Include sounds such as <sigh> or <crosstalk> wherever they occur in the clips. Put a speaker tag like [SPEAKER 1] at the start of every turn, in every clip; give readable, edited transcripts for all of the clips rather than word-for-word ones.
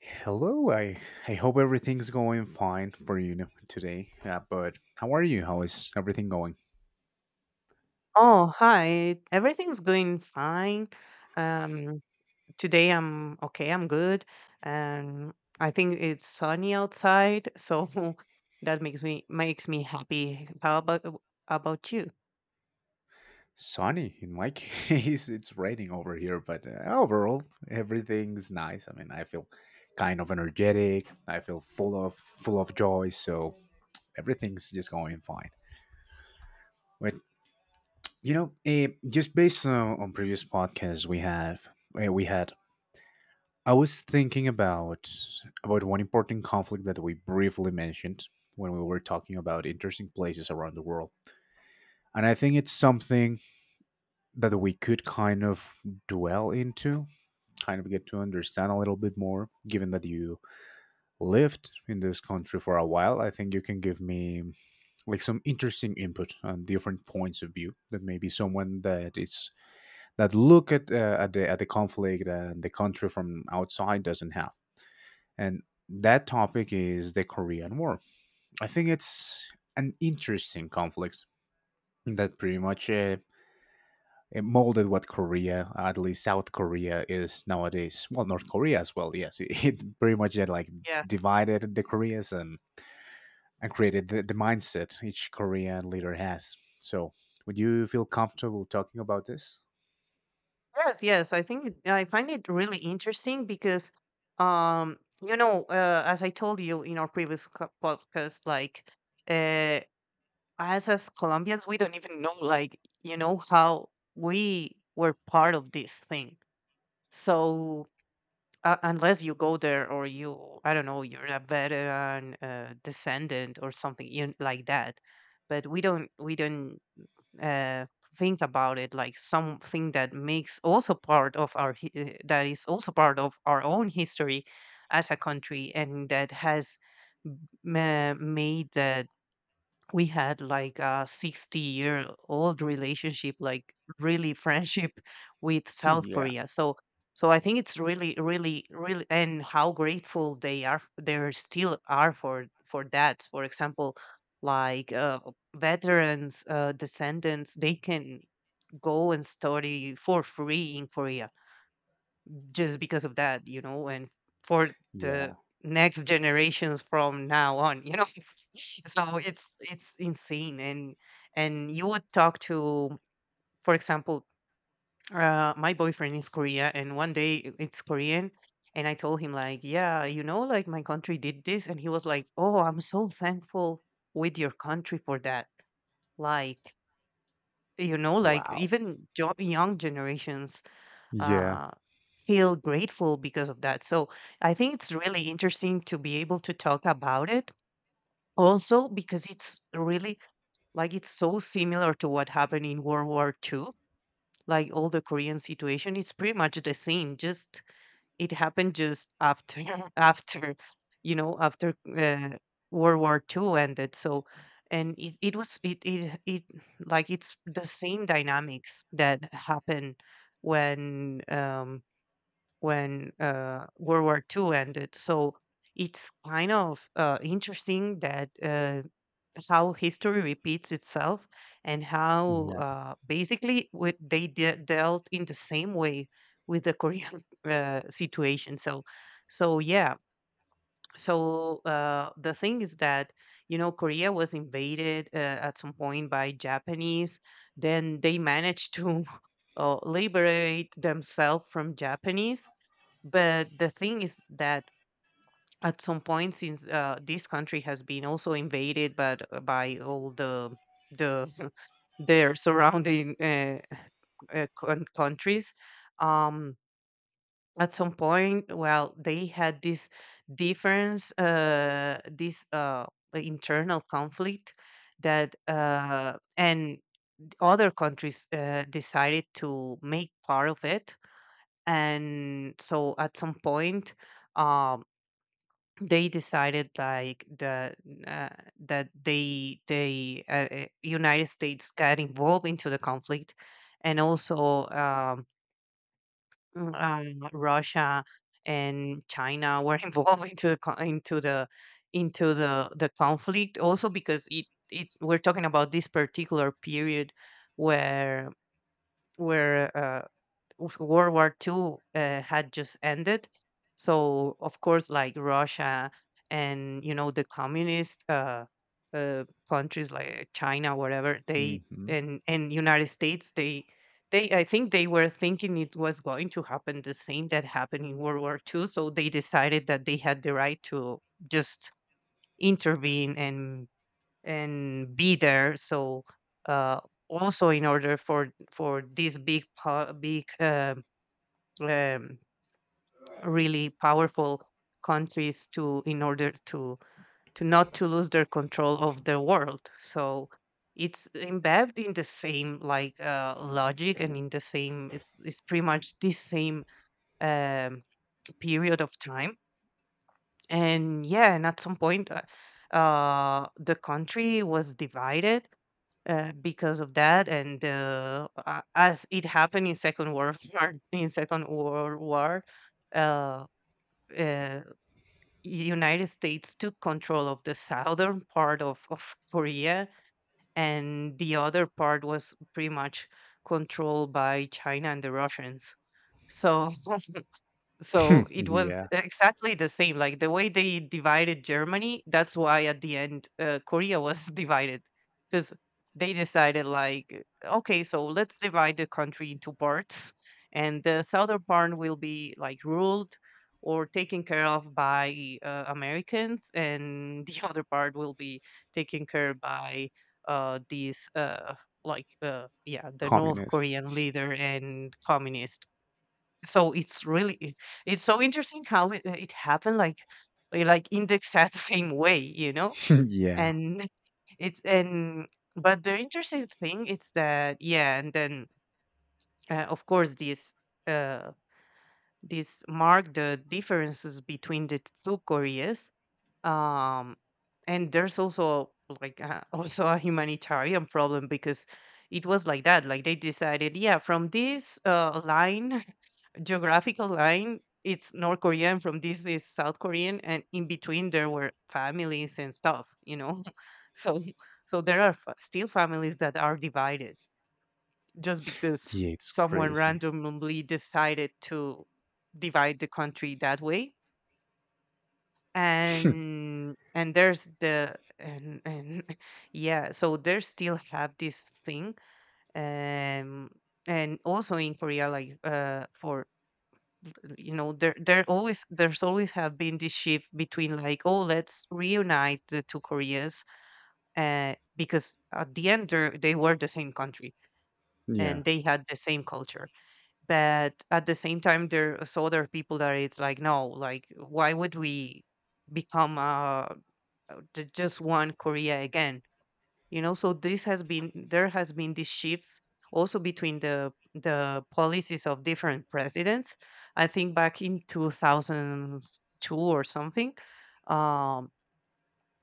[SPEAKER 1] Hello, I hope everything's going fine for you today. But how are you? How is everything going?
[SPEAKER 2] Oh, hi. Everything's going fine. Um, Today I'm okay. I'm good. Um, I think it's sunny outside, so <laughs> that makes me happy. How about you?
[SPEAKER 1] Sunny in my <laughs> case, it's raining over here, but overall, everything's nice. I mean, I feel kind of energetic. I feel full of joy, so everything's just going fine. But just based on, previous podcasts we have, we had, I was thinking about one important conflict that we briefly mentioned when we were talking about interesting places around the world. And I think it's something that we could kind of dwell into, kind of get to understand a little bit more, given that you lived in this country for a while. I think you can give me like some interesting input on different points of view that maybe someone that it's that look at the conflict and the country from outside doesn't have. And that topic is the Korean War. I think it's an interesting conflict that pretty much it molded what Korea, at least South Korea, is nowadays. Well, North Korea as well. Yes, <laughs> it pretty much like
[SPEAKER 2] Yeah.
[SPEAKER 1] divided the Koreas and created the mindset each Korean leader has. So, would you feel comfortable talking about this?
[SPEAKER 2] Yes, yes. I find it really interesting because, as I told you in our podcast, uh, as Colombians, we don't even know, like, you know, how we were part of this thing. So unless you go there or you, I don't know, you're a veteran descendant or something like that, but we don't uh, think about it like something that makes also part of our that is also part of our own history as a country and that has made that we had like a 60-year-old relationship, like, really, <laughs> friendship with
[SPEAKER 1] <laughs>
[SPEAKER 2] south
[SPEAKER 1] Yeah.
[SPEAKER 2] korea. So so I think it's really really, and how grateful they are, they still are, for that. For example, like veterans, descendants, they can go and study for free in korea just because of that, you know, and for
[SPEAKER 1] Yeah.
[SPEAKER 2] the next generations from now on, you know. <laughs> So it's insane. And you would talk to, for example, my boyfriend is Korea and one day it's Korean, and I told him like, yeah, you know, like, my country did this, and he was like, "Oh, I'm so thankful with your country for that." Like, you know, like,
[SPEAKER 1] Wow.
[SPEAKER 2] even young generations
[SPEAKER 1] Yeah.
[SPEAKER 2] uh, feel grateful because of that. So I think it's really interesting to be able to talk about it, also because it's really like, it's so similar to what happened in World War II. Like all the Korean situation, it's pretty much the same. Just it happened just after <laughs> after you know after World War II ended. So and it was it, it it like it's the same dynamics that happen when World War II ended. So it's kind of interesting that how history repeats itself, and how
[SPEAKER 1] Yeah.
[SPEAKER 2] basically what they dealt in the same way with the Korean <laughs> situation. So, so yeah. So the thing is that, you know, Korea was invaded at some point by Japanese. Then they managed to <laughs> liberate themselves from Japanese, but the thing is that at some point, since this country has been also invaded, but by all the <laughs> their surrounding countries, um, at some point, well, they had this difference, this internal conflict that and other countries decided to make part of it, and so at some point. Um, they decided like the uh, that they United States got involved into the conflict, and also Russia and China were <laughs> involved into the into the into the conflict, also because it we're talking about this particular period where where uh, of World War Two had just ended. So of course, like Russia and, you know, the communist countries like China, whatever, they,
[SPEAKER 1] Hmm.
[SPEAKER 2] and United States, they I think they were thinking it was going to happen the same that happened in World War Two. So they decided that they had the right to just intervene and be there. So uh, also in order for these big um, really powerful countries to in order to not to lose their control of the world. So it's embedded in the same, like, logic, and in the same it's pretty much the same um, period of time. And yeah, and at some point the country was divided because of that. And as it happened in second world <laughs> war in second world war, uh, uh, United States took control of the southern part of Korea, and the other part was pretty much controlled by China and the Russians. So so it was
[SPEAKER 1] Yeah.
[SPEAKER 2] exactly the same. Like the way they divided Germany, that's why at the end Korea was <laughs> divided because they decided, like, okay, so let's divide the country into parts, and the southern part will be like ruled or taken care of by Americans, and the <laughs> other part will be taken care by uh, these, uh, yeah, the North
[SPEAKER 1] Communists.
[SPEAKER 2] Korean leader and communist. So it's really it's so interesting how it happened, like, like, indexed <laughs> at the exact same way, you know?
[SPEAKER 1] <laughs> Yeah.
[SPEAKER 2] And <laughs> it's and but the interesting thing is that, yeah, and then of course this uh mark the differences between the two Koreas. Um and there's also like <laughs> also a humanitarian problem, because it was like that, like, they decided, yeah, from this line, geographical line, it's north korean, from this is south korean, and in between there were families and stuff, you know. <laughs> So so there are still families that are divided just because
[SPEAKER 1] Yeah, it's
[SPEAKER 2] someone
[SPEAKER 1] crazy.
[SPEAKER 2] randomly decided to divide the country that way.
[SPEAKER 1] <laughs>
[SPEAKER 2] And there's the and <laughs> yeah, so they still have this thing. um and also in korea, like, for, you know, there always there's always have been this shift between like, oh, let's reunite the two koreas because at the end they were the same country
[SPEAKER 1] Yeah,
[SPEAKER 2] and they had the same culture. But at the same time there's other people that it's like, no, like, why would we become just one korea again, you know? So this has been, there has been these shifts also between the policies of different presidents. I think back in 2002 or something, um,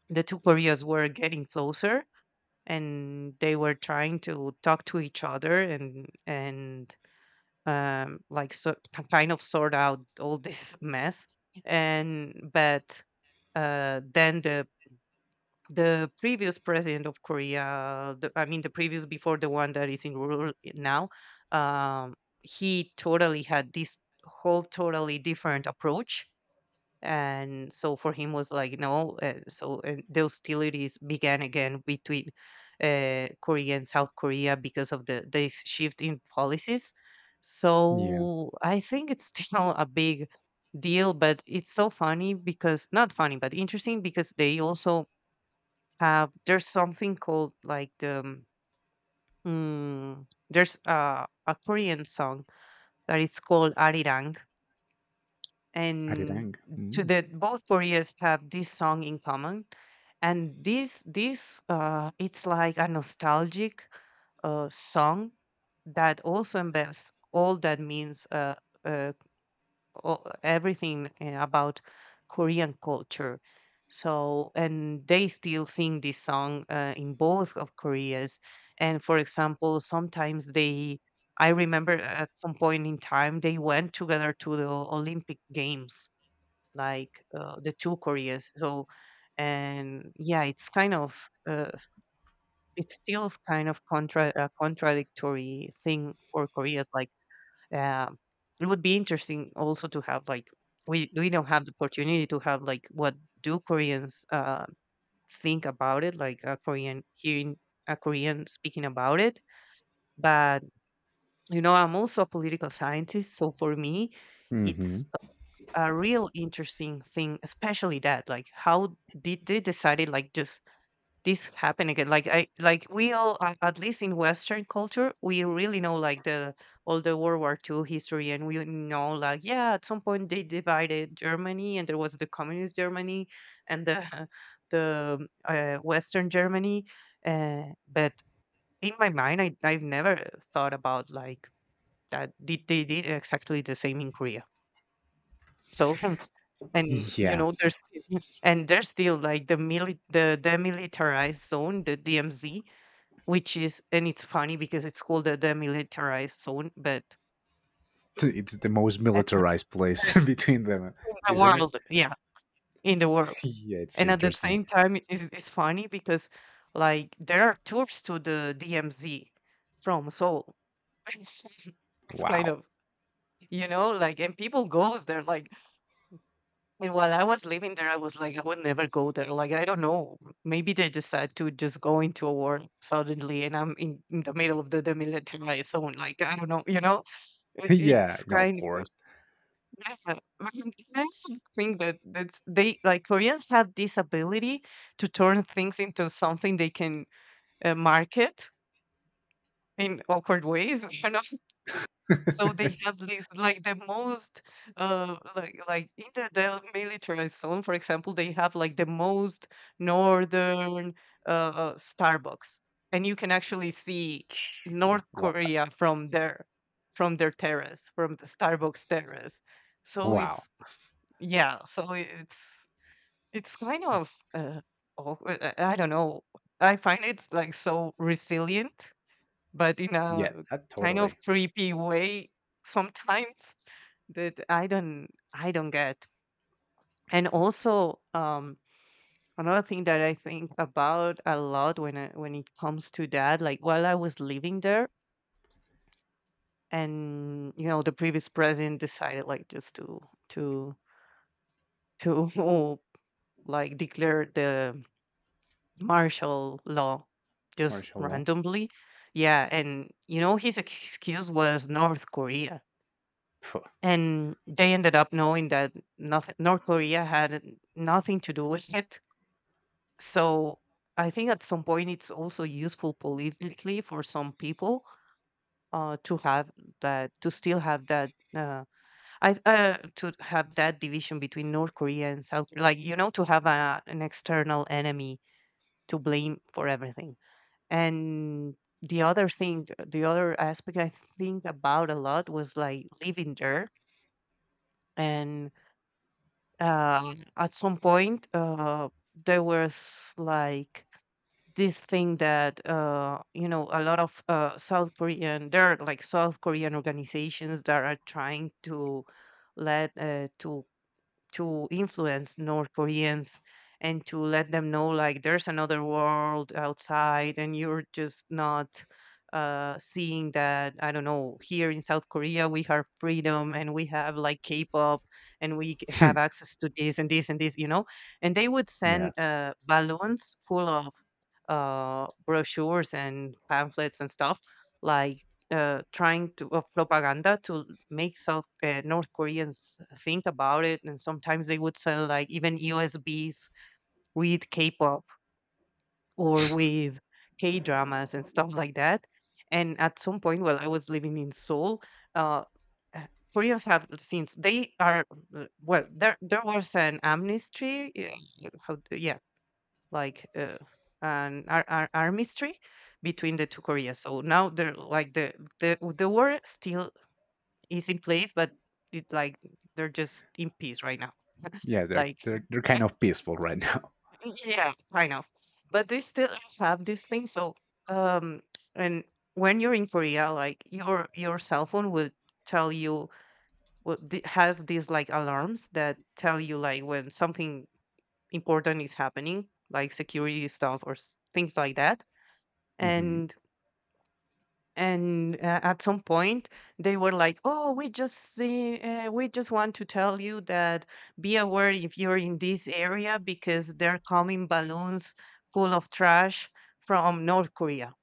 [SPEAKER 2] the two koreas were getting closer, and they were trying to talk to each other, and like so, kind of sort out all this <laughs> mess. And but then the previous president of Korea, the, I mean, the previous before the one that is in rule now, um, he totally had this whole totally different approach. And so for him was like, no. So and the hostilities began again between Korea and South Korea because of the this shift in policies.
[SPEAKER 1] yeah.
[SPEAKER 2] So I think it's <laughs> still a big deal. But it's so funny, because not funny, but interesting, because they also have, there's something called like the there's a Korean song that is called Arirang, and
[SPEAKER 1] Arirang.
[SPEAKER 2] to
[SPEAKER 1] Mm.
[SPEAKER 2] the both Koreas have this song in common, and this it's like a nostalgic song that also embeds all that means uh, all, everything about Korean culture. So, and they still sing this song in both of Koreas. And for example, sometimes they, I remember at some point in time, they went together to the Olympic Games, like the two Koreas. So, and yeah, it's kind of, it's still kind of a contradictory thing for Koreas, like, uh, it would be interesting also to have like, we don't have the opportunity to have like, what do Koreans think about it, like a Korean hearing a Korean speaking about it. But, you know, I'm also a political scientist, so for me,
[SPEAKER 1] Hmm.
[SPEAKER 2] it's a real interesting thing, especially that like, how did they decided like just this happen again, like I like, we all at least in western culture we really know like the all the World War II history, and we know like, yeah, at some point they divided germany, and there was the communist germany and the <laughs> the western germany, but in my mind I've never thought about like that did they did exactly the same in korea. So <laughs> and you
[SPEAKER 1] Yeah,
[SPEAKER 2] know there's <laughs> and there's still like the the demilitarized zone, the dmz, which is, and it's funny because it's called the demilitarized zone, but
[SPEAKER 1] <laughs> it's the most
[SPEAKER 2] a a
[SPEAKER 1] militarized
[SPEAKER 2] a
[SPEAKER 1] place <laughs> between them,
[SPEAKER 2] in the
[SPEAKER 1] isn't it?
[SPEAKER 2] world, yeah, in the
[SPEAKER 1] <laughs>
[SPEAKER 2] world.
[SPEAKER 1] Yeah, it's
[SPEAKER 2] And at the
[SPEAKER 1] interesting.
[SPEAKER 2] same time, it's funny because, like, there are tours to the DMZ from Seoul. <laughs> It's it's kind
[SPEAKER 1] Wow. <laughs>
[SPEAKER 2] of, you know, like, and people goes there, like, and while I was living there, I was like, "I would never go there." Like, I don't know, maybe they decide to just go into a war suddenly, and I'm in the middle of the demilitarized zone, like, I don't know, you know? I
[SPEAKER 1] Yeah,
[SPEAKER 2] it's
[SPEAKER 1] no, of
[SPEAKER 2] kind of,
[SPEAKER 1] course.
[SPEAKER 2] yeah. But I also think that that's they like Koreans have this ability to turn things into something they can market in awkward ways. <laughs> So they have this the most in the zone, for example, they have like the most northern Starbucks, and you can actually see
[SPEAKER 1] Ch-
[SPEAKER 2] North
[SPEAKER 1] wa-
[SPEAKER 2] Korea from there, from their terrace, from the Starbucks terrace. So
[SPEAKER 1] Wow.
[SPEAKER 2] it's Yeah, so it's kind of awkward. I don't know. I find it's like so resilient but in
[SPEAKER 1] Yeah,
[SPEAKER 2] a
[SPEAKER 1] that
[SPEAKER 2] kind of
[SPEAKER 1] totally.
[SPEAKER 2] creepy way <laughs> sometimes that I don't get. And also another thing that I think about a lot when it comes to that, like while I was living there, and you know the previous president decided, like, just to to <laughs> like declare the martial law just
[SPEAKER 1] Martial law.
[SPEAKER 2] randomly. Yeah, and you know his excuse was North Korea,
[SPEAKER 1] Pho.
[SPEAKER 2] and they ended up knowing that nothing, North Korea had nothing to do with it. So I think at some point it's also useful politically for some people, to have to still have that, I to have that division between North Korea and South, like, you know, to have an external enemy to blame for everything. And the other thing, the other aspect I think about a lot was like living there, and at some point, there was like this thing that, you know, a lot of South Korean, there are like South Korean organizations that are trying to let to influence North Koreans and to let them know like there's another world outside and you're just not seeing that. I don't know, here in South Korea we have freedom and we have like K-pop and have
[SPEAKER 1] <laughs>
[SPEAKER 2] access to this and this and this, you know. And they would
[SPEAKER 1] Yeah,
[SPEAKER 2] send balloons full of brochures and pamphlets and stuff, like, trying to of propaganda to make South North Koreans think about it, and sometimes they would sell like even USBs with K-pop or with K dramas and stuff like that. And at some point, while I was living in Seoul, uh, uh, Koreans have, since they are, well, there was an amnesty, yeah, like uh, an armistry between the two Koreas. So now they're like the war still is in place, but like they're just in peace right now.
[SPEAKER 1] yeah. They're
[SPEAKER 2] Like,
[SPEAKER 1] they're they're kind of peaceful right now.
[SPEAKER 2] <laughs> yeah, kind of. But they still have this thing. So, um, and when you're in Korea, like your cell phone will tell you has these like alarms that tell you like when something important is happening, like security stuff things like that.
[SPEAKER 1] <laughs> Hmm.
[SPEAKER 2] And and At some point they were like, oh, we just see, we just want to tell you that, be aware if you're in this area because they're coming balloons full of trash from North Korea,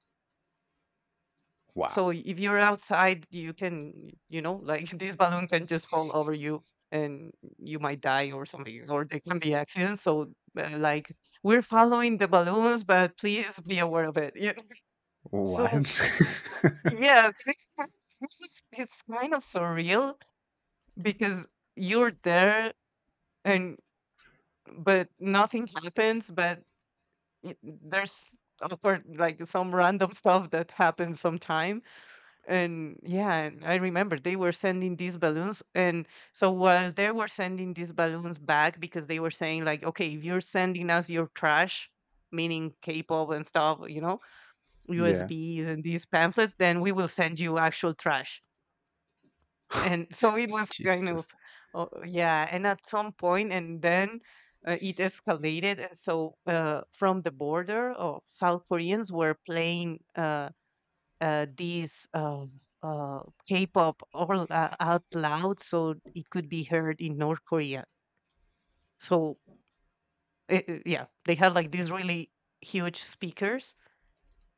[SPEAKER 1] Wow.
[SPEAKER 2] so if you're outside you can, you know, like <laughs> this balloon can just fall over you and you might die or something or there can be accidents, so, like, we're following the balloons but please be aware of it <laughs> you know?
[SPEAKER 1] What?
[SPEAKER 2] So
[SPEAKER 1] <laughs>
[SPEAKER 2] yeah, it's kind of surreal because you're there and, but nothing happens, but there's awkward like some random stuff that happens sometime. And yeah, and I remember they were sending these balloons, and so while they were sending these balloons back, because they were saying like, okay, if you're sending us your trash, meaning K-pop and stuff, you know,
[SPEAKER 1] Yeah.
[SPEAKER 2] USBs and these pamphlets, then we will send you actual trash. And so it was kind
[SPEAKER 1] Jesus.
[SPEAKER 2] of, oh, yeah, and at some point, and then it escalated, and so, from the border, of South Koreans were playing, these uh, K-pop, all out loud so it could be heard in North Korea. So, yeah, they had like these really huge speakers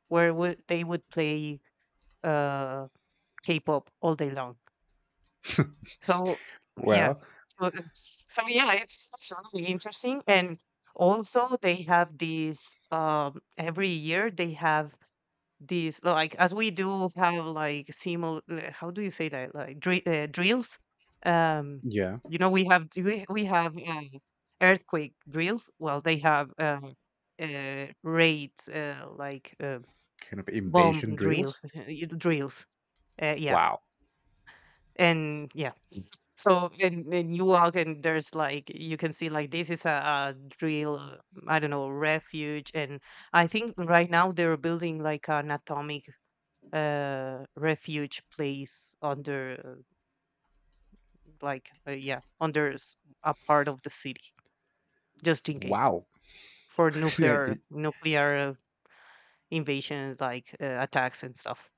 [SPEAKER 2] where would play uh, K-pop all day long. So, yeah.
[SPEAKER 1] Well,
[SPEAKER 2] So, uh, so yeah, it's really interesting. And also they have these every year, they have these, like, as we do have like simul how do you say that, like, drills, um
[SPEAKER 1] yeah.
[SPEAKER 2] you know, we have, earthquake drills, well, they have, raids,
[SPEAKER 1] Kind of
[SPEAKER 2] bomb
[SPEAKER 1] invasion drills.
[SPEAKER 2] drills, <laughs> drills, yeah.
[SPEAKER 1] Wow.
[SPEAKER 2] And yeah, so when you walk and there's like you can see like this is a drill, I don't know, refuge. And I think right now they're building like an atomic refuge place under, yeah, under a part of the city, just in case
[SPEAKER 1] Wow. <laughs>
[SPEAKER 2] for
[SPEAKER 1] Yeah, did-
[SPEAKER 2] nuclear invasion, attacks and stuff.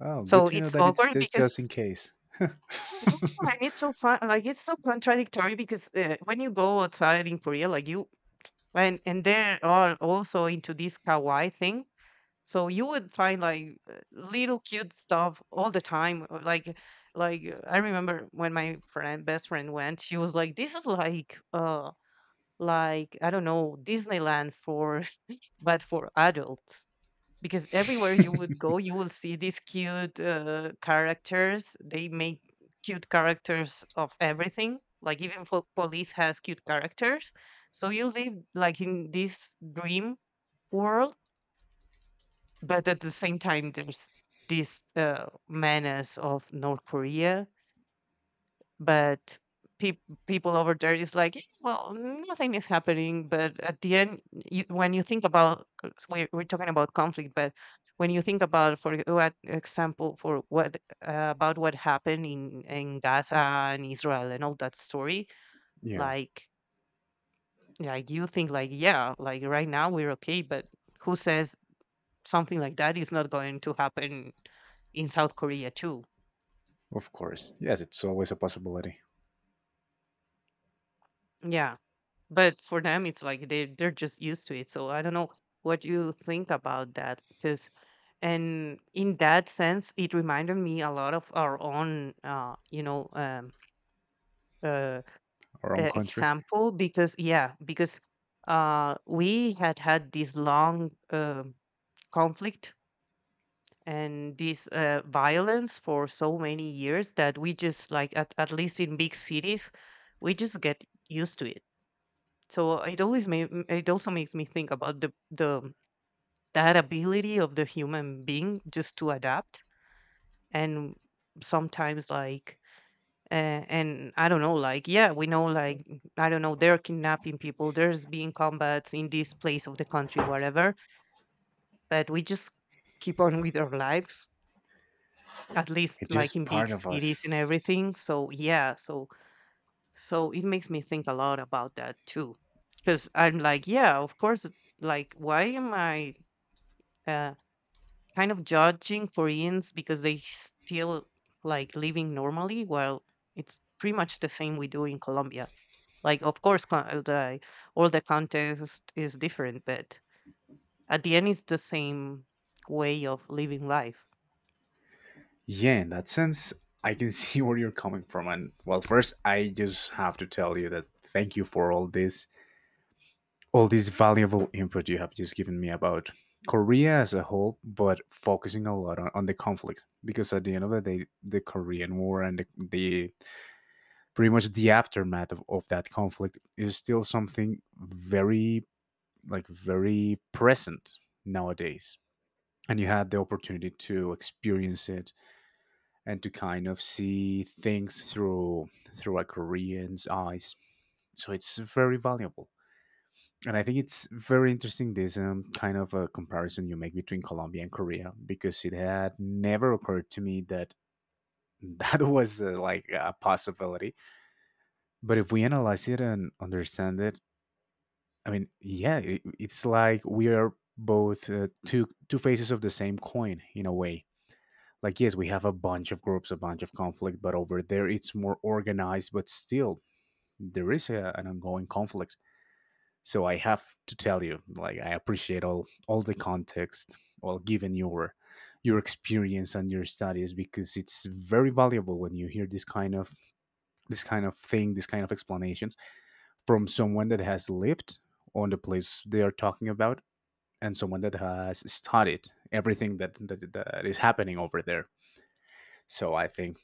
[SPEAKER 1] oh, good
[SPEAKER 2] So
[SPEAKER 1] to know
[SPEAKER 2] it's
[SPEAKER 1] that it's
[SPEAKER 2] awkward
[SPEAKER 1] just,
[SPEAKER 2] because
[SPEAKER 1] just in case.
[SPEAKER 2] <laughs> yeah, and it's so fun. Like, it's so contradictory because, when you go outside in Korea, like you, and they're all also into this kawaii thing, so you would find, like, little cute stuff all the time, I remember when my friend best friend went, she was like, this is like, I don't know, Disneyland for <laughs> but for adults, because everywhere you
[SPEAKER 1] <laughs>
[SPEAKER 2] would go you will see these cute characters, they make cute characters of everything, like, even for police has cute characters, so you live like in this dream world. But at the same time there's this menace of North Korea, but peop people over there is like, "Eh, well, nothing is happening." But at the end, when you think about, we're talking about conflict, but when you think about, for what, about what happened in Gaza and Israel and all that story,
[SPEAKER 1] Yeah,
[SPEAKER 2] like like you think like, yeah, like right now we're okay, but who says something like that is not going to happen in South Korea too?
[SPEAKER 1] of course. Yes, it's always a possibility.
[SPEAKER 2] Yeah. But for them, it's like they they're just used to it. So I don't know what you think about that because, and in that sense, it reminded me a lot of our own, you know, uh,
[SPEAKER 1] Our own country.
[SPEAKER 2] example, because yeah, because, we had had this long conflict and this violence for so many years that we just like at least in big cities, we just get used to it. So it always made, it also makes me think about the that ability of the human being just to adapt, and sometimes like, uh, and I don't know, like, yeah, we know like, I don't know, they're kidnapping people, there's being combats in this place of the country, whatever, but we just keep on with our lives, at least
[SPEAKER 1] It's
[SPEAKER 2] like
[SPEAKER 1] just
[SPEAKER 2] in big
[SPEAKER 1] part of us.
[SPEAKER 2] cities and everything. So yeah, so so it makes me think a lot about that too because I'm like, yeah, of course, like why am I uh, kind of judging Koreans because they still like living normally, while it's pretty much the same we do in Colombia. Like, of course, all the context is different, but at the end, it's the same way of living life.
[SPEAKER 1] Yeah, in that sense, I can see <laughs> where you're coming from. And well, first, I just have to tell you that thank you for all this, valuable input you have just given me about Korea as a whole, but focusing a lot on the conflict because at the end of the day, the Korean War and pretty much the aftermath of that conflict is still something very present nowadays, and you had the opportunity to experience it and to kind of see things through a Korean's eyes, so it's very valuable. And I think it's very interesting this kind of a comparison you make between Colombia and Korea because it had never occurred to me that <laughs> that was like a possibility, but if we analyze it and understand it, I mean, yeah, it's like we are both two faces of the same coin in a way. Like, yes, we have a bunch of groups, a bunch of conflict, but over there it's more organized. But still, there is an ongoing conflict. So I have to tell you, like, I appreciate all the context, all given your experience and your studies, because it's very valuable when you hear this kind of thing, this kind of explanations from someone that has lived on the place they are talking about and someone that has studied everything that is happening over there. So I think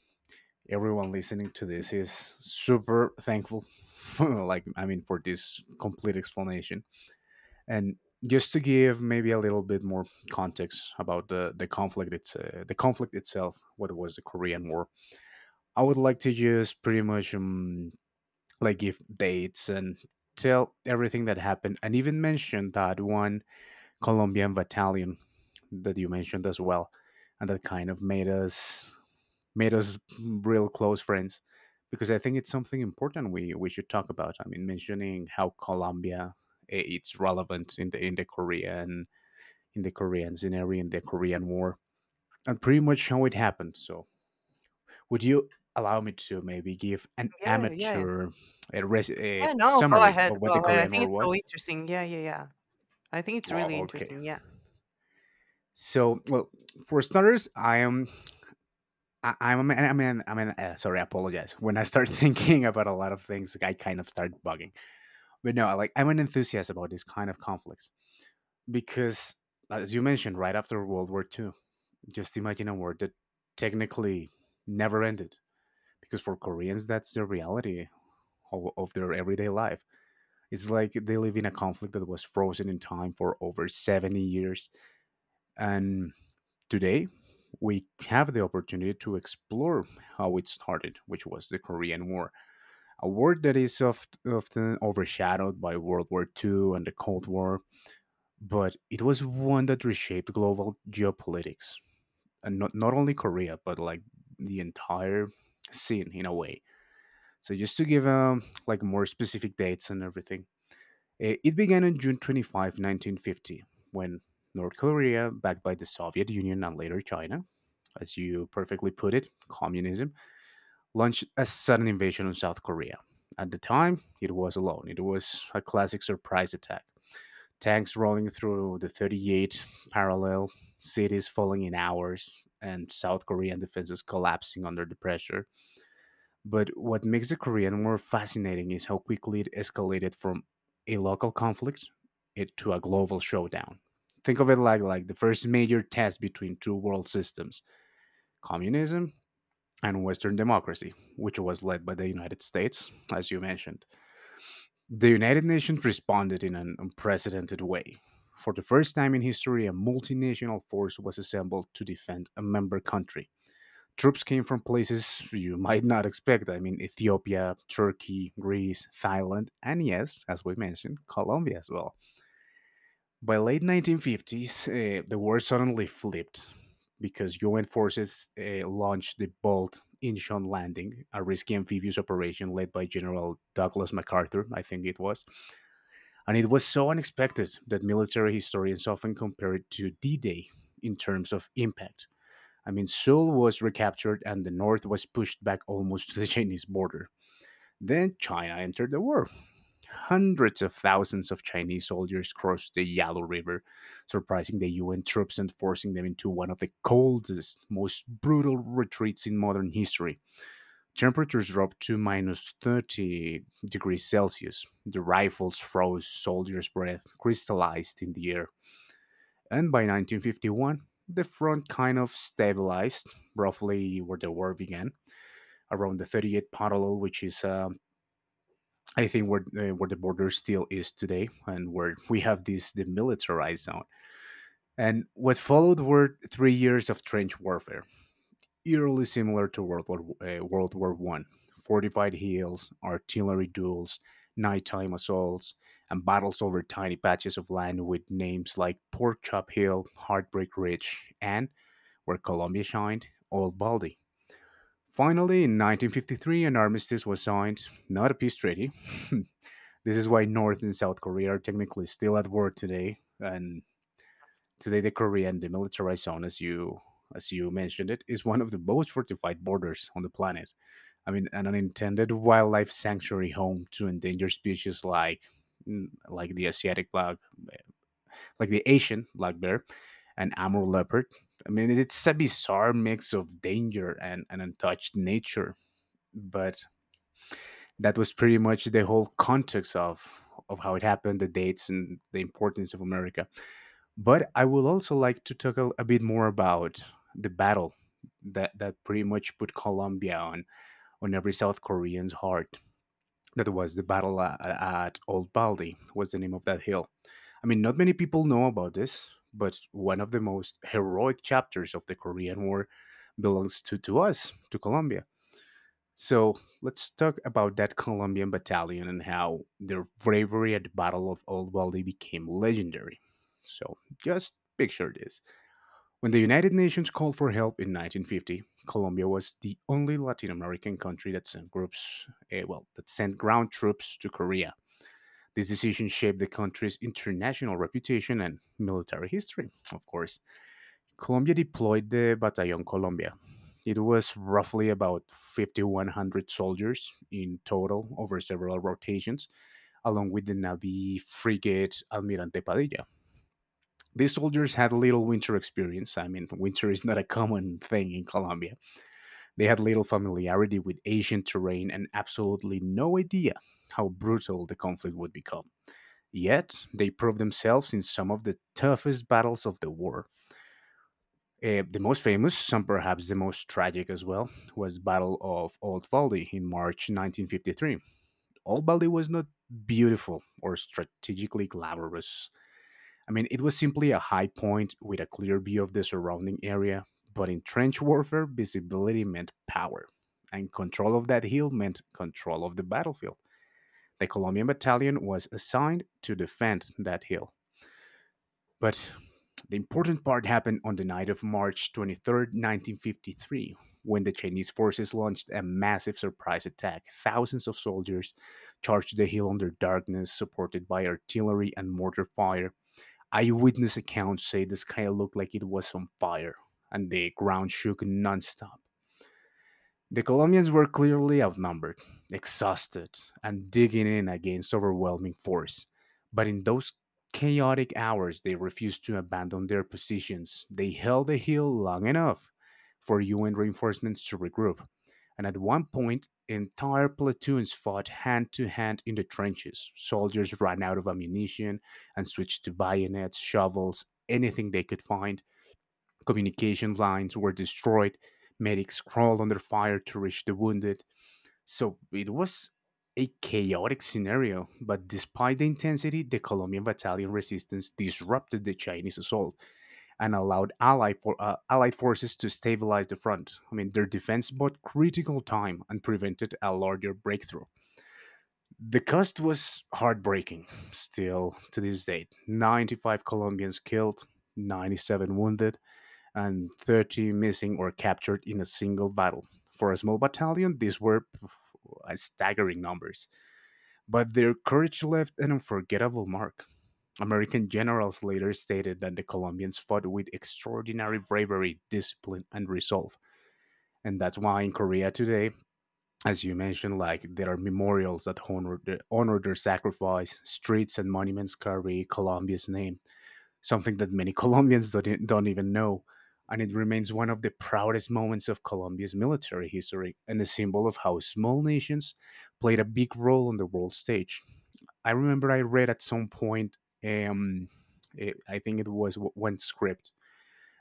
[SPEAKER 1] everyone listening to this is super thankful, <laughs> like I mean, for this complete explanation. And just to give maybe a little bit more context about the conflict, it's the conflict itself, what was the Korean War. I would like to just pretty much like give dates and tell everything that happened, and even mention that one Colombian battalion that you mentioned as well, and that kind of made us real close friends because I think it's something important we should talk about. I mean, mentioning how Colombia it's relevant in the Korean scenario in the Korean War and pretty much how it happened. So, would you allow me to maybe give an
[SPEAKER 2] Yeah, yeah,
[SPEAKER 1] amateur, a
[SPEAKER 2] yeah. No, go
[SPEAKER 1] summary
[SPEAKER 2] ahead,
[SPEAKER 1] of what
[SPEAKER 2] go
[SPEAKER 1] the
[SPEAKER 2] ahead. I
[SPEAKER 1] Korean
[SPEAKER 2] think
[SPEAKER 1] War
[SPEAKER 2] it's so
[SPEAKER 1] was?
[SPEAKER 2] interesting. Yeah, yeah, yeah. I think it's really
[SPEAKER 1] Oh, okay.
[SPEAKER 2] interesting. Yeah.
[SPEAKER 1] So, well, for starters, I, I'm sorry, I apologize. When I start <laughs> thinking about a lot of things, I kind of start bugging. But no, I'm an enthusiast about this kind of conflicts because, as you mentioned, right after World War II, just imagine a war that technically never ended. Because for Koreans, that's the reality of their everyday life. It's like they live in a conflict that was frozen in time for over 70 years. And today, we have the opportunity to explore how it started, which was the Korean War, a war that is often overshadowed by World War II and the Cold War, but it was one that reshaped global geopolitics, and not only Korea, but like the entire scene in a way. So just to give like more specific dates and everything. It began on June 25, 1950, when North Korea, backed by the Soviet Union and later China, as you perfectly put it, communism, launched a sudden invasion on South Korea. At the time, it was alone. It was a classic surprise attack. Tanks rolling through the 38th parallel, cities falling in hours, and South Korean defenses collapsing under the pressure. But what makes the Korean War fascinating is how quickly it escalated from a local conflict to a global showdown. Think of it like the first major test between two world systems, communism and Western democracy, which was led by the United States, as you mentioned. The United Nations responded in an unprecedented way. For the first time in history, a multinational force was assembled to defend a member country. Troops came from places you might not expect. I mean, Ethiopia, Turkey, Greece, Thailand, and yes, as we mentioned, Colombia as well. By late 1950s, the war suddenly flipped because UN forces launched the bold Incheon landing, a risky amphibious operation led by General Douglas MacArthur, I think it was. And it was so unexpected that military historians often compare it to D Day in terms of impact. I mean, Seoul was recaptured and the north was pushed back almost to the <laughs> Chinese border. Then China entered the war. Hundreds of thousands of Chinese soldiers crossed the Yalu River, surprising the UN troops and forcing them into one of the coldest, most brutal retreats in modern history. Temperatures dropped to minus 30 degrees Celsius. The rifles froze, soldiers' breath crystallized in the air. And by 1951, the front kind of stabilized, roughly where the war began, around the 38th parallel, which is, I think, where the border still is today, and where we have this demilitarized zone. And what followed were 3 years of trench warfare, eerily similar to World War One: fortified hills, artillery duels, nighttime assaults, and battles over tiny patches of land with names like Pork Chop Hill, Heartbreak Ridge, and where Colombia shined, Old Baldy. Finally, in 1953, an armistice was signed, not a peace treaty. <laughs> This is why North and South Korea are technically still at war today, and today the Korean demilitarized zone, as you mentioned it, is one of the most fortified borders on the planet. I mean, an unintended wildlife sanctuary home to endangered species like mm, like the Asiatic black like the Asian black bear and Amur leopard. I mean, it's a bizarre mix of danger and, untouched nature. But that was pretty much the whole context of how it happened, the dates, and the importance of America. But I would also like to talk a bit more about the battle that pretty much put Colombia on every South Korean's heart. That was the battle at Old Baldy, was the name of that hill. I mean, not many people know about this, but one of the most heroic chapters of the Korean War belongs to us, to Colombia. So let's talk about that Colombian battalion and how their bravery at the Battle of Old Baldy became legendary. So just picture this: when the United Nations called for help in 1950, Colombia was the only Latin American country that sent that sent ground troops to Korea. This decision shaped the country's international reputation and military history, of course. Colombia deployed the Batallón Colombia. It was roughly about 5,100 soldiers in total over several rotations, along with the Navy frigate Almirante Padilla. These soldiers had little winter experience. I mean, winter is not a common thing in Colombia. They had little familiarity with Asian terrain and absolutely no idea how brutal the conflict would become. Yet, they proved themselves in some of the toughest battles of the war. The most famous, some perhaps the most tragic as well, was Battle of Old Valdi in March 1953. Old Valdi was not beautiful or strategically glamorous. I mean, it was simply a high point with a clear view of the surrounding area, but in trench warfare, visibility meant power, and control of that hill meant control of the battlefield. The Colombian battalion was assigned to defend that hill. But the important part happened on the night of March 23, 1953, when the Chinese forces launched a massive surprise attack. Thousands of soldiers charged the hill under darkness, supported by artillery and mortar fire. Eyewitness accounts say the sky looked like it was on fire and the ground shook nonstop. The Colombians were clearly outnumbered, exhausted, and digging in against overwhelming force, but in those chaotic hours they refused to abandon their positions. They held the hill long enough for UN reinforcements to regroup, and at one point, entire platoons fought hand to hand in the trenches. Soldiers ran out of ammunition and switched to bayonets, shovels, anything they could find. Communication lines were destroyed. Medics crawled under fire to reach the wounded. So it was a chaotic scenario, but despite the intensity, the Colombian battalion resistance disrupted the Chinese assault and allowed allied forces to stabilize the front. I mean, their defense bought critical time and prevented a larger breakthrough. The cost was heartbreaking. Still to this date, 95 Colombians killed, 97 wounded, and 30 missing or captured in a single battle. For a small battalion, these were staggering numbers, but their courage left an unforgettable mark. American generals later stated that the Colombians fought with extraordinary bravery, discipline, and resolve. And that's why in Korea today, as you mentioned, like there are memorials that honor their sacrifice, streets and monuments carry Colombia's name, something that many <laughs> Colombians don't, e- don't even know. And it remains one of the proudest moments of Colombia's military history and a symbol of how small nations played a big role on the world stage. I remember I read at some point, um, I think it was one script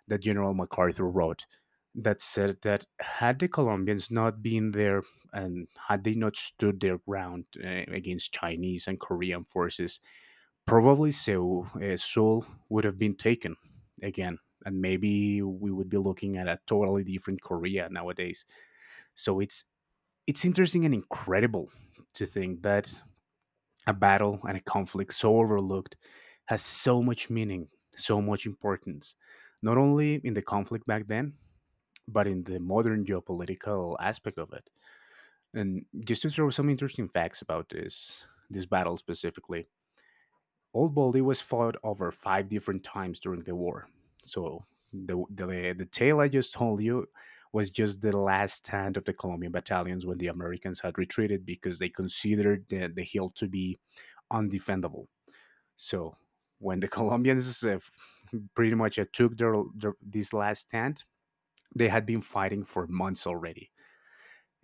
[SPEAKER 1] that General MacArthur wrote, that said that had the Colombians not been there and had they not stood their ground, against Chinese and Korean forces, probably so. Seoul would have been taken again, and maybe we would be looking at a totally different Korea nowadays. So it's interesting and incredible to think that a battle and a conflict so overlooked has so much meaning, so much importance, not only in the conflict back then, but in the modern geopolitical aspect of it. And just to throw some interesting facts about this battle specifically, Old Baldy was fought over five different times during the war. So the tale I just told you was just the last stand of the Colombian battalions when the Americans had retreated because they considered the hill to be undefendable. So when the <laughs> Colombians pretty much took their this last stand, they had been fighting for months already.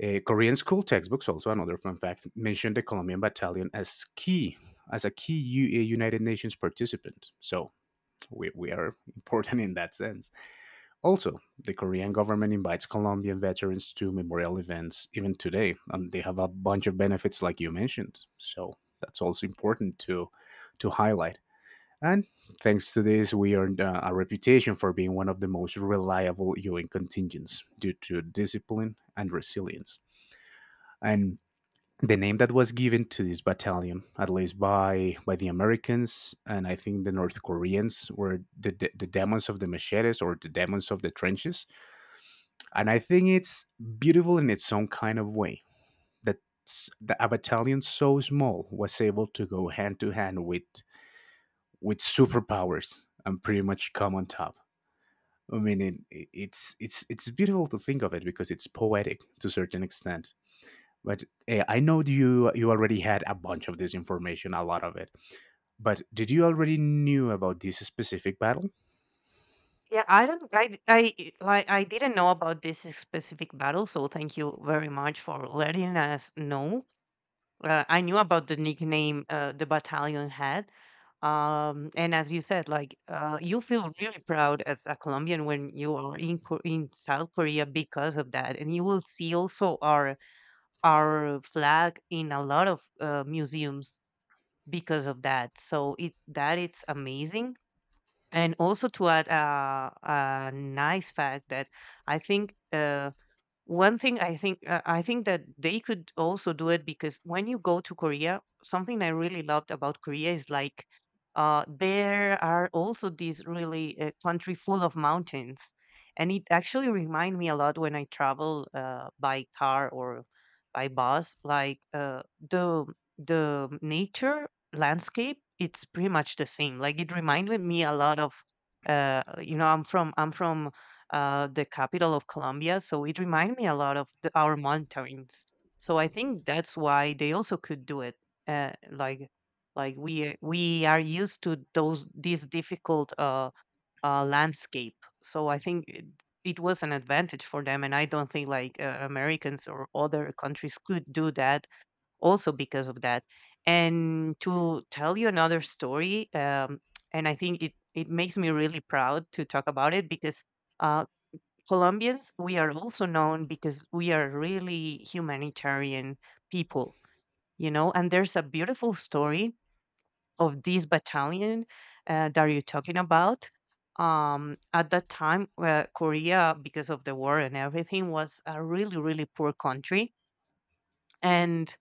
[SPEAKER 1] Korean school textbooks, also another fun fact, mentioned the Colombian battalion as key as a key U- United Nations participant. So we are <laughs> important in that sense. Also, the Korean government invites Colombian veterans to memorial events even today, and they have a bunch of benefits like you mentioned. So that's also important to highlight. And thanks to this, we earned a reputation for being one of the most reliable UN contingents due to discipline and resilience. And the name that was given to this battalion, at least by the Americans and I think the North Koreans, were the demons of the machetes or the demons of the trenches. And I think it's beautiful in its own kind of way that a battalion so small was able to go hand to hand with superpowers and pretty much come on top. I mean, it, it's beautiful to think of it because it's poetic to a certain extent. But I know you already had a bunch of this information, a lot of it. But did you already knew about this specific battle?
[SPEAKER 2] Yeah, I don't, I, d- I- like, I didn't know about this specific battle, so thank you very much for letting us know. I knew about the nickname, the battalion had. And as you said, like, you feel really proud as a Colombian when you are in in South Korea because of that, and you will see also our flag in a lot of museums because of that. So it, that it's amazing. And also to add a nice fact that I think. One thing I think that they could also do it, because when you go to Korea, something I really loved about Korea is like, there are also these really, country full of mountains, and it actually remind me a lot when I travel, by car or by bus. Like, the the nature landscape, it's pretty much the same. Like, it reminded me a lot of, you know, I'm from, the capital of Colombia. So it reminded me a lot of our mountains. So I think that's why they also could do it. Uh, like we are used to those these difficult, landscape. So I think it was an advantage for them, and I don't think like, Americans or other countries could do that also because of that. And to tell you another story, and I think it, it makes me really proud to talk about it because, uh, Colombians, we are also known because we are really humanitarian people, you know. And there's a beautiful story of this battalion that you're talking about. At that time, Korea, because of the war and everything, was a really, really poor country and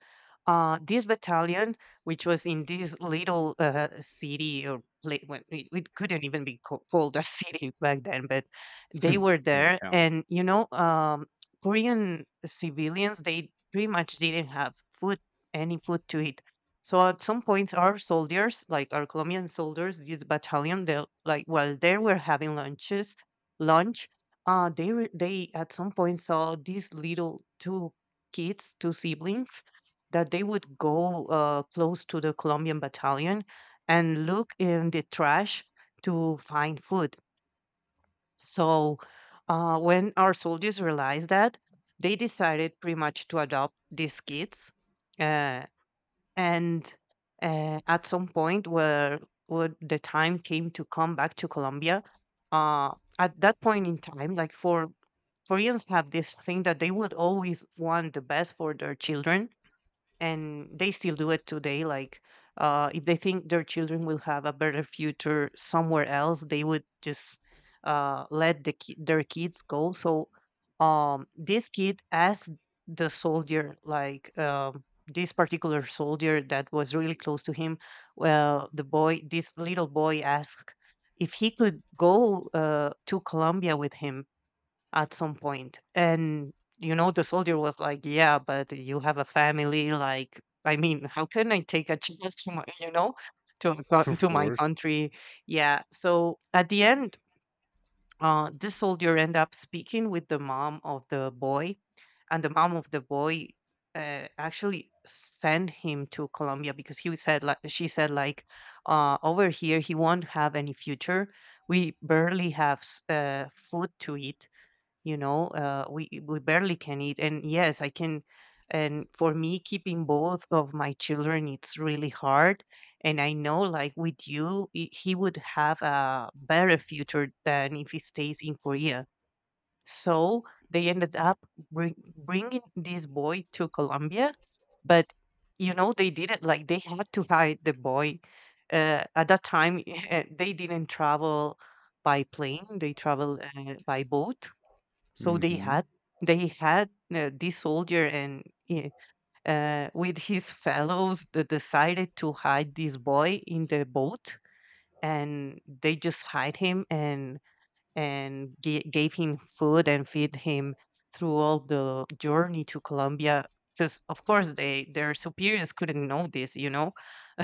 [SPEAKER 2] uh, this battalion, which was in this little city or place, it couldn't even be called a <laughs> city back then, but they
[SPEAKER 1] Hmm.
[SPEAKER 2] were
[SPEAKER 1] I
[SPEAKER 2] there,
[SPEAKER 1] tell. <laughs>
[SPEAKER 2] and Korean civilians they pretty much didn't have food, any food to eat. So at some points, our soldiers, like our Colombian soldiers, this battalion, they like while they were having lunch, they at some point saw these little two kids, two siblings, that they would go close to the Colombian battalion and look in the trash to find food. So when our soldiers realized that, they decided pretty much to adopt these kids. Uh, and at some point where the time came to come back to Colombia, uh, at that point in time, like, for Koreans have this thing that they would always want the best for their children, and they still do it today, like, if they think their children will have a better future somewhere else, they would just let their kids go. So this kid asked the soldier, like, this particular soldier that was really close to him. Well, the boy this little boy asked if he could go to Colombia with him at some point. And, you know, the soldier was like, yeah, but you have a family. Like, I mean, how can I take a <laughs> child to my, you know, to, a coun-
[SPEAKER 1] Of
[SPEAKER 2] to my
[SPEAKER 1] course.
[SPEAKER 2] country? Yeah. So at the end, this soldier end up speaking with the mom of the boy, and the mom of the boy actually sent him to Colombia because she said, like, over here he won't have any future. We barely have food to eat. We barely can eat, and yes I can, and for me keeping both of my children, it's really hard, and I know, like, with you he would have a better future than if he stays in Korea. So they ended up bringing this boy to Colombia. But they didn't, like, they had to hide the boy at that time. <laughs> They didn't travel by plane. They travel by boat. So
[SPEAKER 1] Hmm.
[SPEAKER 2] they had this soldier and i- with his fellows that decided to hide this boy in the boat, and they just hide him, and gave him food and feed him through all the journey to Colombia. Because of course they their superiors couldn't know this.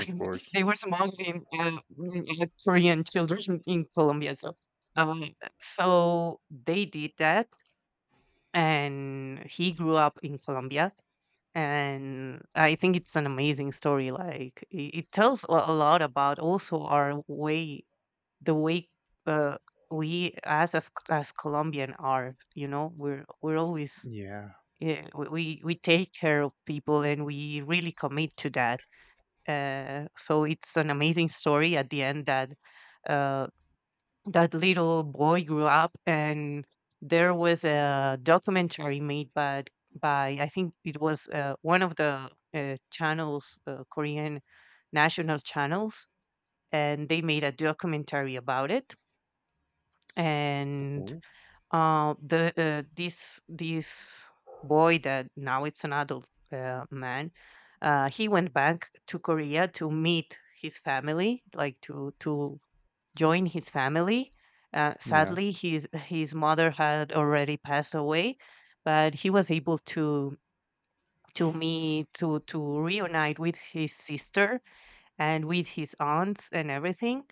[SPEAKER 1] Of course.
[SPEAKER 2] They were smuggling Korean children in Colombia. Um, so they did that, and he grew up in Colombia. And I think it's an amazing story. Like, it tells a lot about also our way, the way uh, we as Colombian are. You know, we're always,
[SPEAKER 1] Yeah.
[SPEAKER 2] yeah, we take care of people and we really commit to that. So it's an amazing story at the end, that uh, that little boy grew up, and there was a documentary made by, I think it was, one of the channels, Korean national channels, and they made a documentary about it, and
[SPEAKER 1] Oh,
[SPEAKER 2] the this this boy that now it's an adult man, he went back to Korea to meet his family, like, to join his family. Uh,
[SPEAKER 1] yeah.
[SPEAKER 2] sadly, his mother had already passed away, but he was able to meet to reunite with his sister and with his aunts and everything.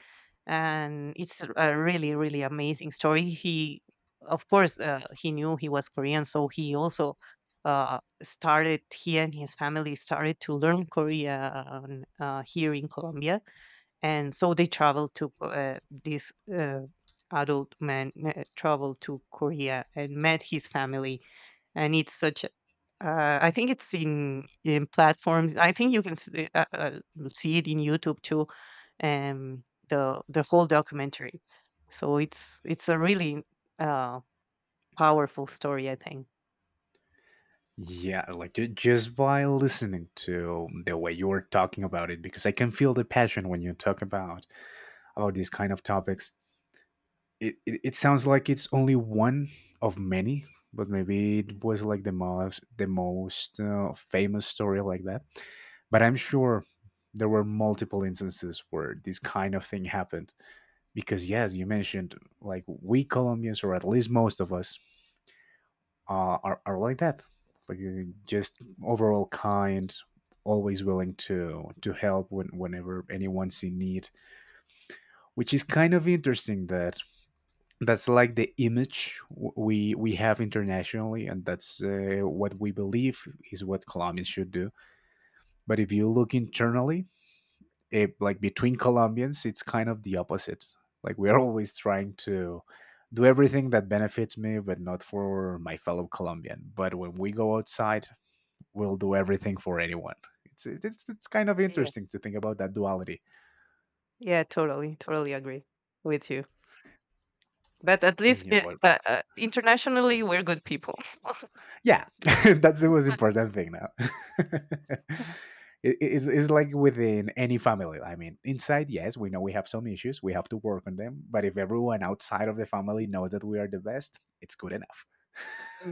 [SPEAKER 2] And it's a really, really amazing story. He, of course, he knew he was Korean, so he and his family started to learn Korean here in Colombia, and so they traveled to this adult man traveled to Korea and met his family. And it's such I think it's in platforms. I think you can uh, uh, uh, see it in YouTube too, the whole documentary. So it's a really uh powerful story, I think.
[SPEAKER 1] Yeah, like just by listening to the way you were talking about it, because I can feel the passion when you talk about these kind of topics. It sounds like it's only one of many, but maybe it was like the most famous story like that. But I'm sure there were multiple instances where this kind of thing happened, because yes you mentioned, like we Colombians, or at least most of us, are like that. Like just overall kind, always willing to help whenever anyone's in need, which is kind of interesting that that's like the image we have internationally, and that's what we believe is what Colombians should do. But if you look internally, it, like between Colombians it's kind of the opposite. Like we're <laughs> always trying to do everything that benefits me but not for my fellow Colombian. But when we go outside, we'll do everything for anyone. It's kind of
[SPEAKER 2] Yeah,
[SPEAKER 1] interesting to think about that duality.
[SPEAKER 2] yeah. Totally, totally agree with you. But at least,
[SPEAKER 1] Yeah, but
[SPEAKER 2] internationally, we're good people.
[SPEAKER 1] yeah, <laughs> that's the most important thing now. <laughs> It's like within any family. I mean, inside, yes, we know we have some issues, we have to work on them, but if everyone outside of the family knows that we are the best, it's good enough.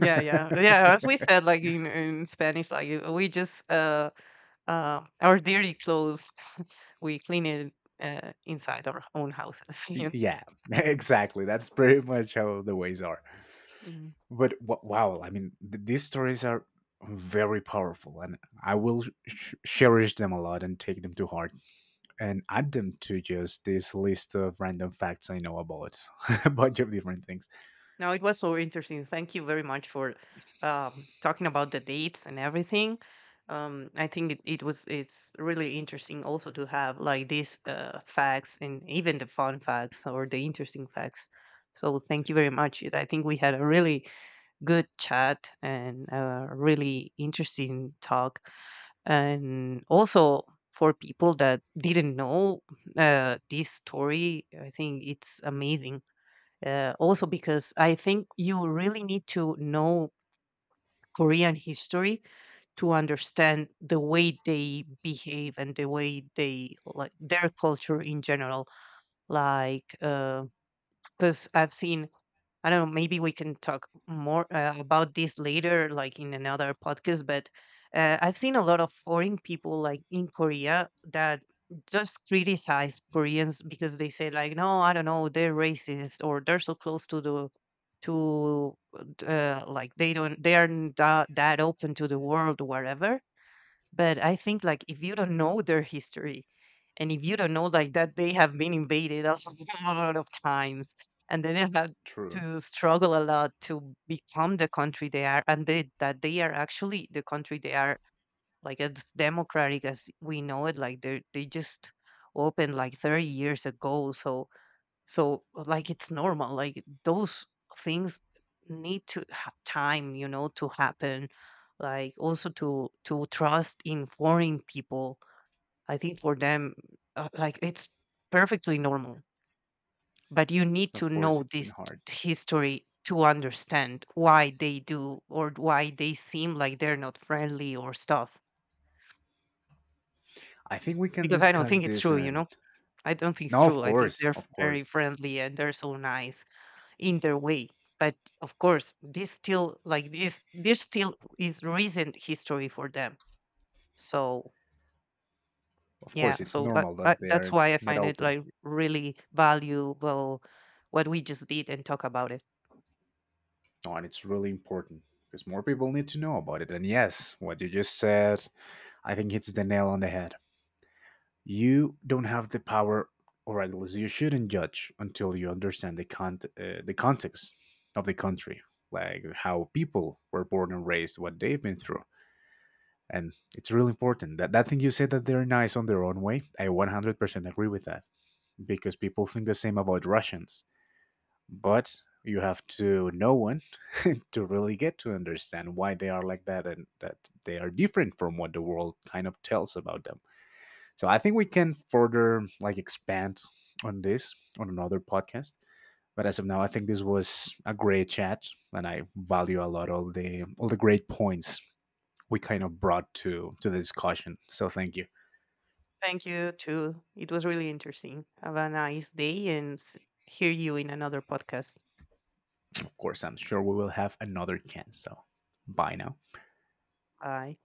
[SPEAKER 1] <laughs>
[SPEAKER 2] yeah, yeah. As we said, like, in, Spanish, like, we just our dirty clothes, <laughs> we clean it inside our own houses. <laughs> Yes.
[SPEAKER 1] Yeah, <laughs> exactly, that's pretty much how the ways are.
[SPEAKER 2] Mhm.
[SPEAKER 1] But wow, I mean, these stories are very powerful, and I will cherish them a lot and take them to heart, and add them to just this list of random facts I know about <laughs> a bunch of different things.
[SPEAKER 2] Now it was so interesting. Thank you very much for talking about the dates and everything. I think it's really interesting also to have, like, these facts and even the fun facts or the interesting facts. So thank you very much. I think we had a really good chat and a really interesting talk. And also for people that didn't know this story, I think it's amazing. Also because I think you really need to know Korean history to understand the way they behave and the way they, like, their culture in general. Like, because I've seen I don't know, maybe we can talk more about this later, like in another podcast. But I've seen a lot of foreign people, like in Korea, that just criticize Koreans because they say, like, no, I don't know, they're racist, or they're so close to the to like, they aren't that open to the world, or whatever. But I think, like, if you don't know their history, and if you don't know, like, that they have been invaded a <laughs> lot of times, and they didn't have
[SPEAKER 1] True.
[SPEAKER 2] to struggle a lot to become the country they are, and that they are actually the country they are, like, as democratic as we know it. Like, they just opened, like, 30 years ago. So, like, it's normal. Like, those things need to have time, to happen. Like, also to trust in foreign people. I think for them, like, it's perfectly normal. But you need
[SPEAKER 1] Of
[SPEAKER 2] to
[SPEAKER 1] course,
[SPEAKER 2] know
[SPEAKER 1] it's been
[SPEAKER 2] this
[SPEAKER 1] hard.
[SPEAKER 2] history to understand why they do or why they seem like they're not friendly or stuff.
[SPEAKER 1] I think we can
[SPEAKER 2] Because I don't
[SPEAKER 1] discuss
[SPEAKER 2] think it's
[SPEAKER 1] this
[SPEAKER 2] true, you
[SPEAKER 1] and.
[SPEAKER 2] know. I don't think it's
[SPEAKER 1] No, of
[SPEAKER 2] true. I think
[SPEAKER 1] course,
[SPEAKER 2] they're
[SPEAKER 1] of
[SPEAKER 2] very
[SPEAKER 1] course.
[SPEAKER 2] friendly and they're so nice in their way. But of course, this still like this there still is recent history for them. So
[SPEAKER 1] Of
[SPEAKER 2] yeah,
[SPEAKER 1] course, it's normal that they
[SPEAKER 2] that's
[SPEAKER 1] are
[SPEAKER 2] why I
[SPEAKER 1] not
[SPEAKER 2] find it,
[SPEAKER 1] open.
[SPEAKER 2] like, really valuable, what we just did and talk about it.
[SPEAKER 1] No, and it's really important because more people need to know about it. And yes, what you just said, I think it's the nail on the head. You don't have the power, or at least you shouldn't judge until you understand the the context of the country, like how people were born and raised, what they've been through, and it's really important. That that thing you said that they're nice on their own way, I 100% agree with that, because people think the same about Russians, but you have to know one <laughs> to really get to understand why they are like that, and that they are different from what the world kind of tells about them. So I think we can further like expand on this on another podcast. But as of now, I think this was a great chat, and I value a lot all the great points we kind of brought to the discussion. So thank you.
[SPEAKER 2] Thank you too. It was really interesting. Have a nice day, and hear you in another podcast.
[SPEAKER 1] Of course, I'm sure we will have another chance. So bye now.
[SPEAKER 2] Bye.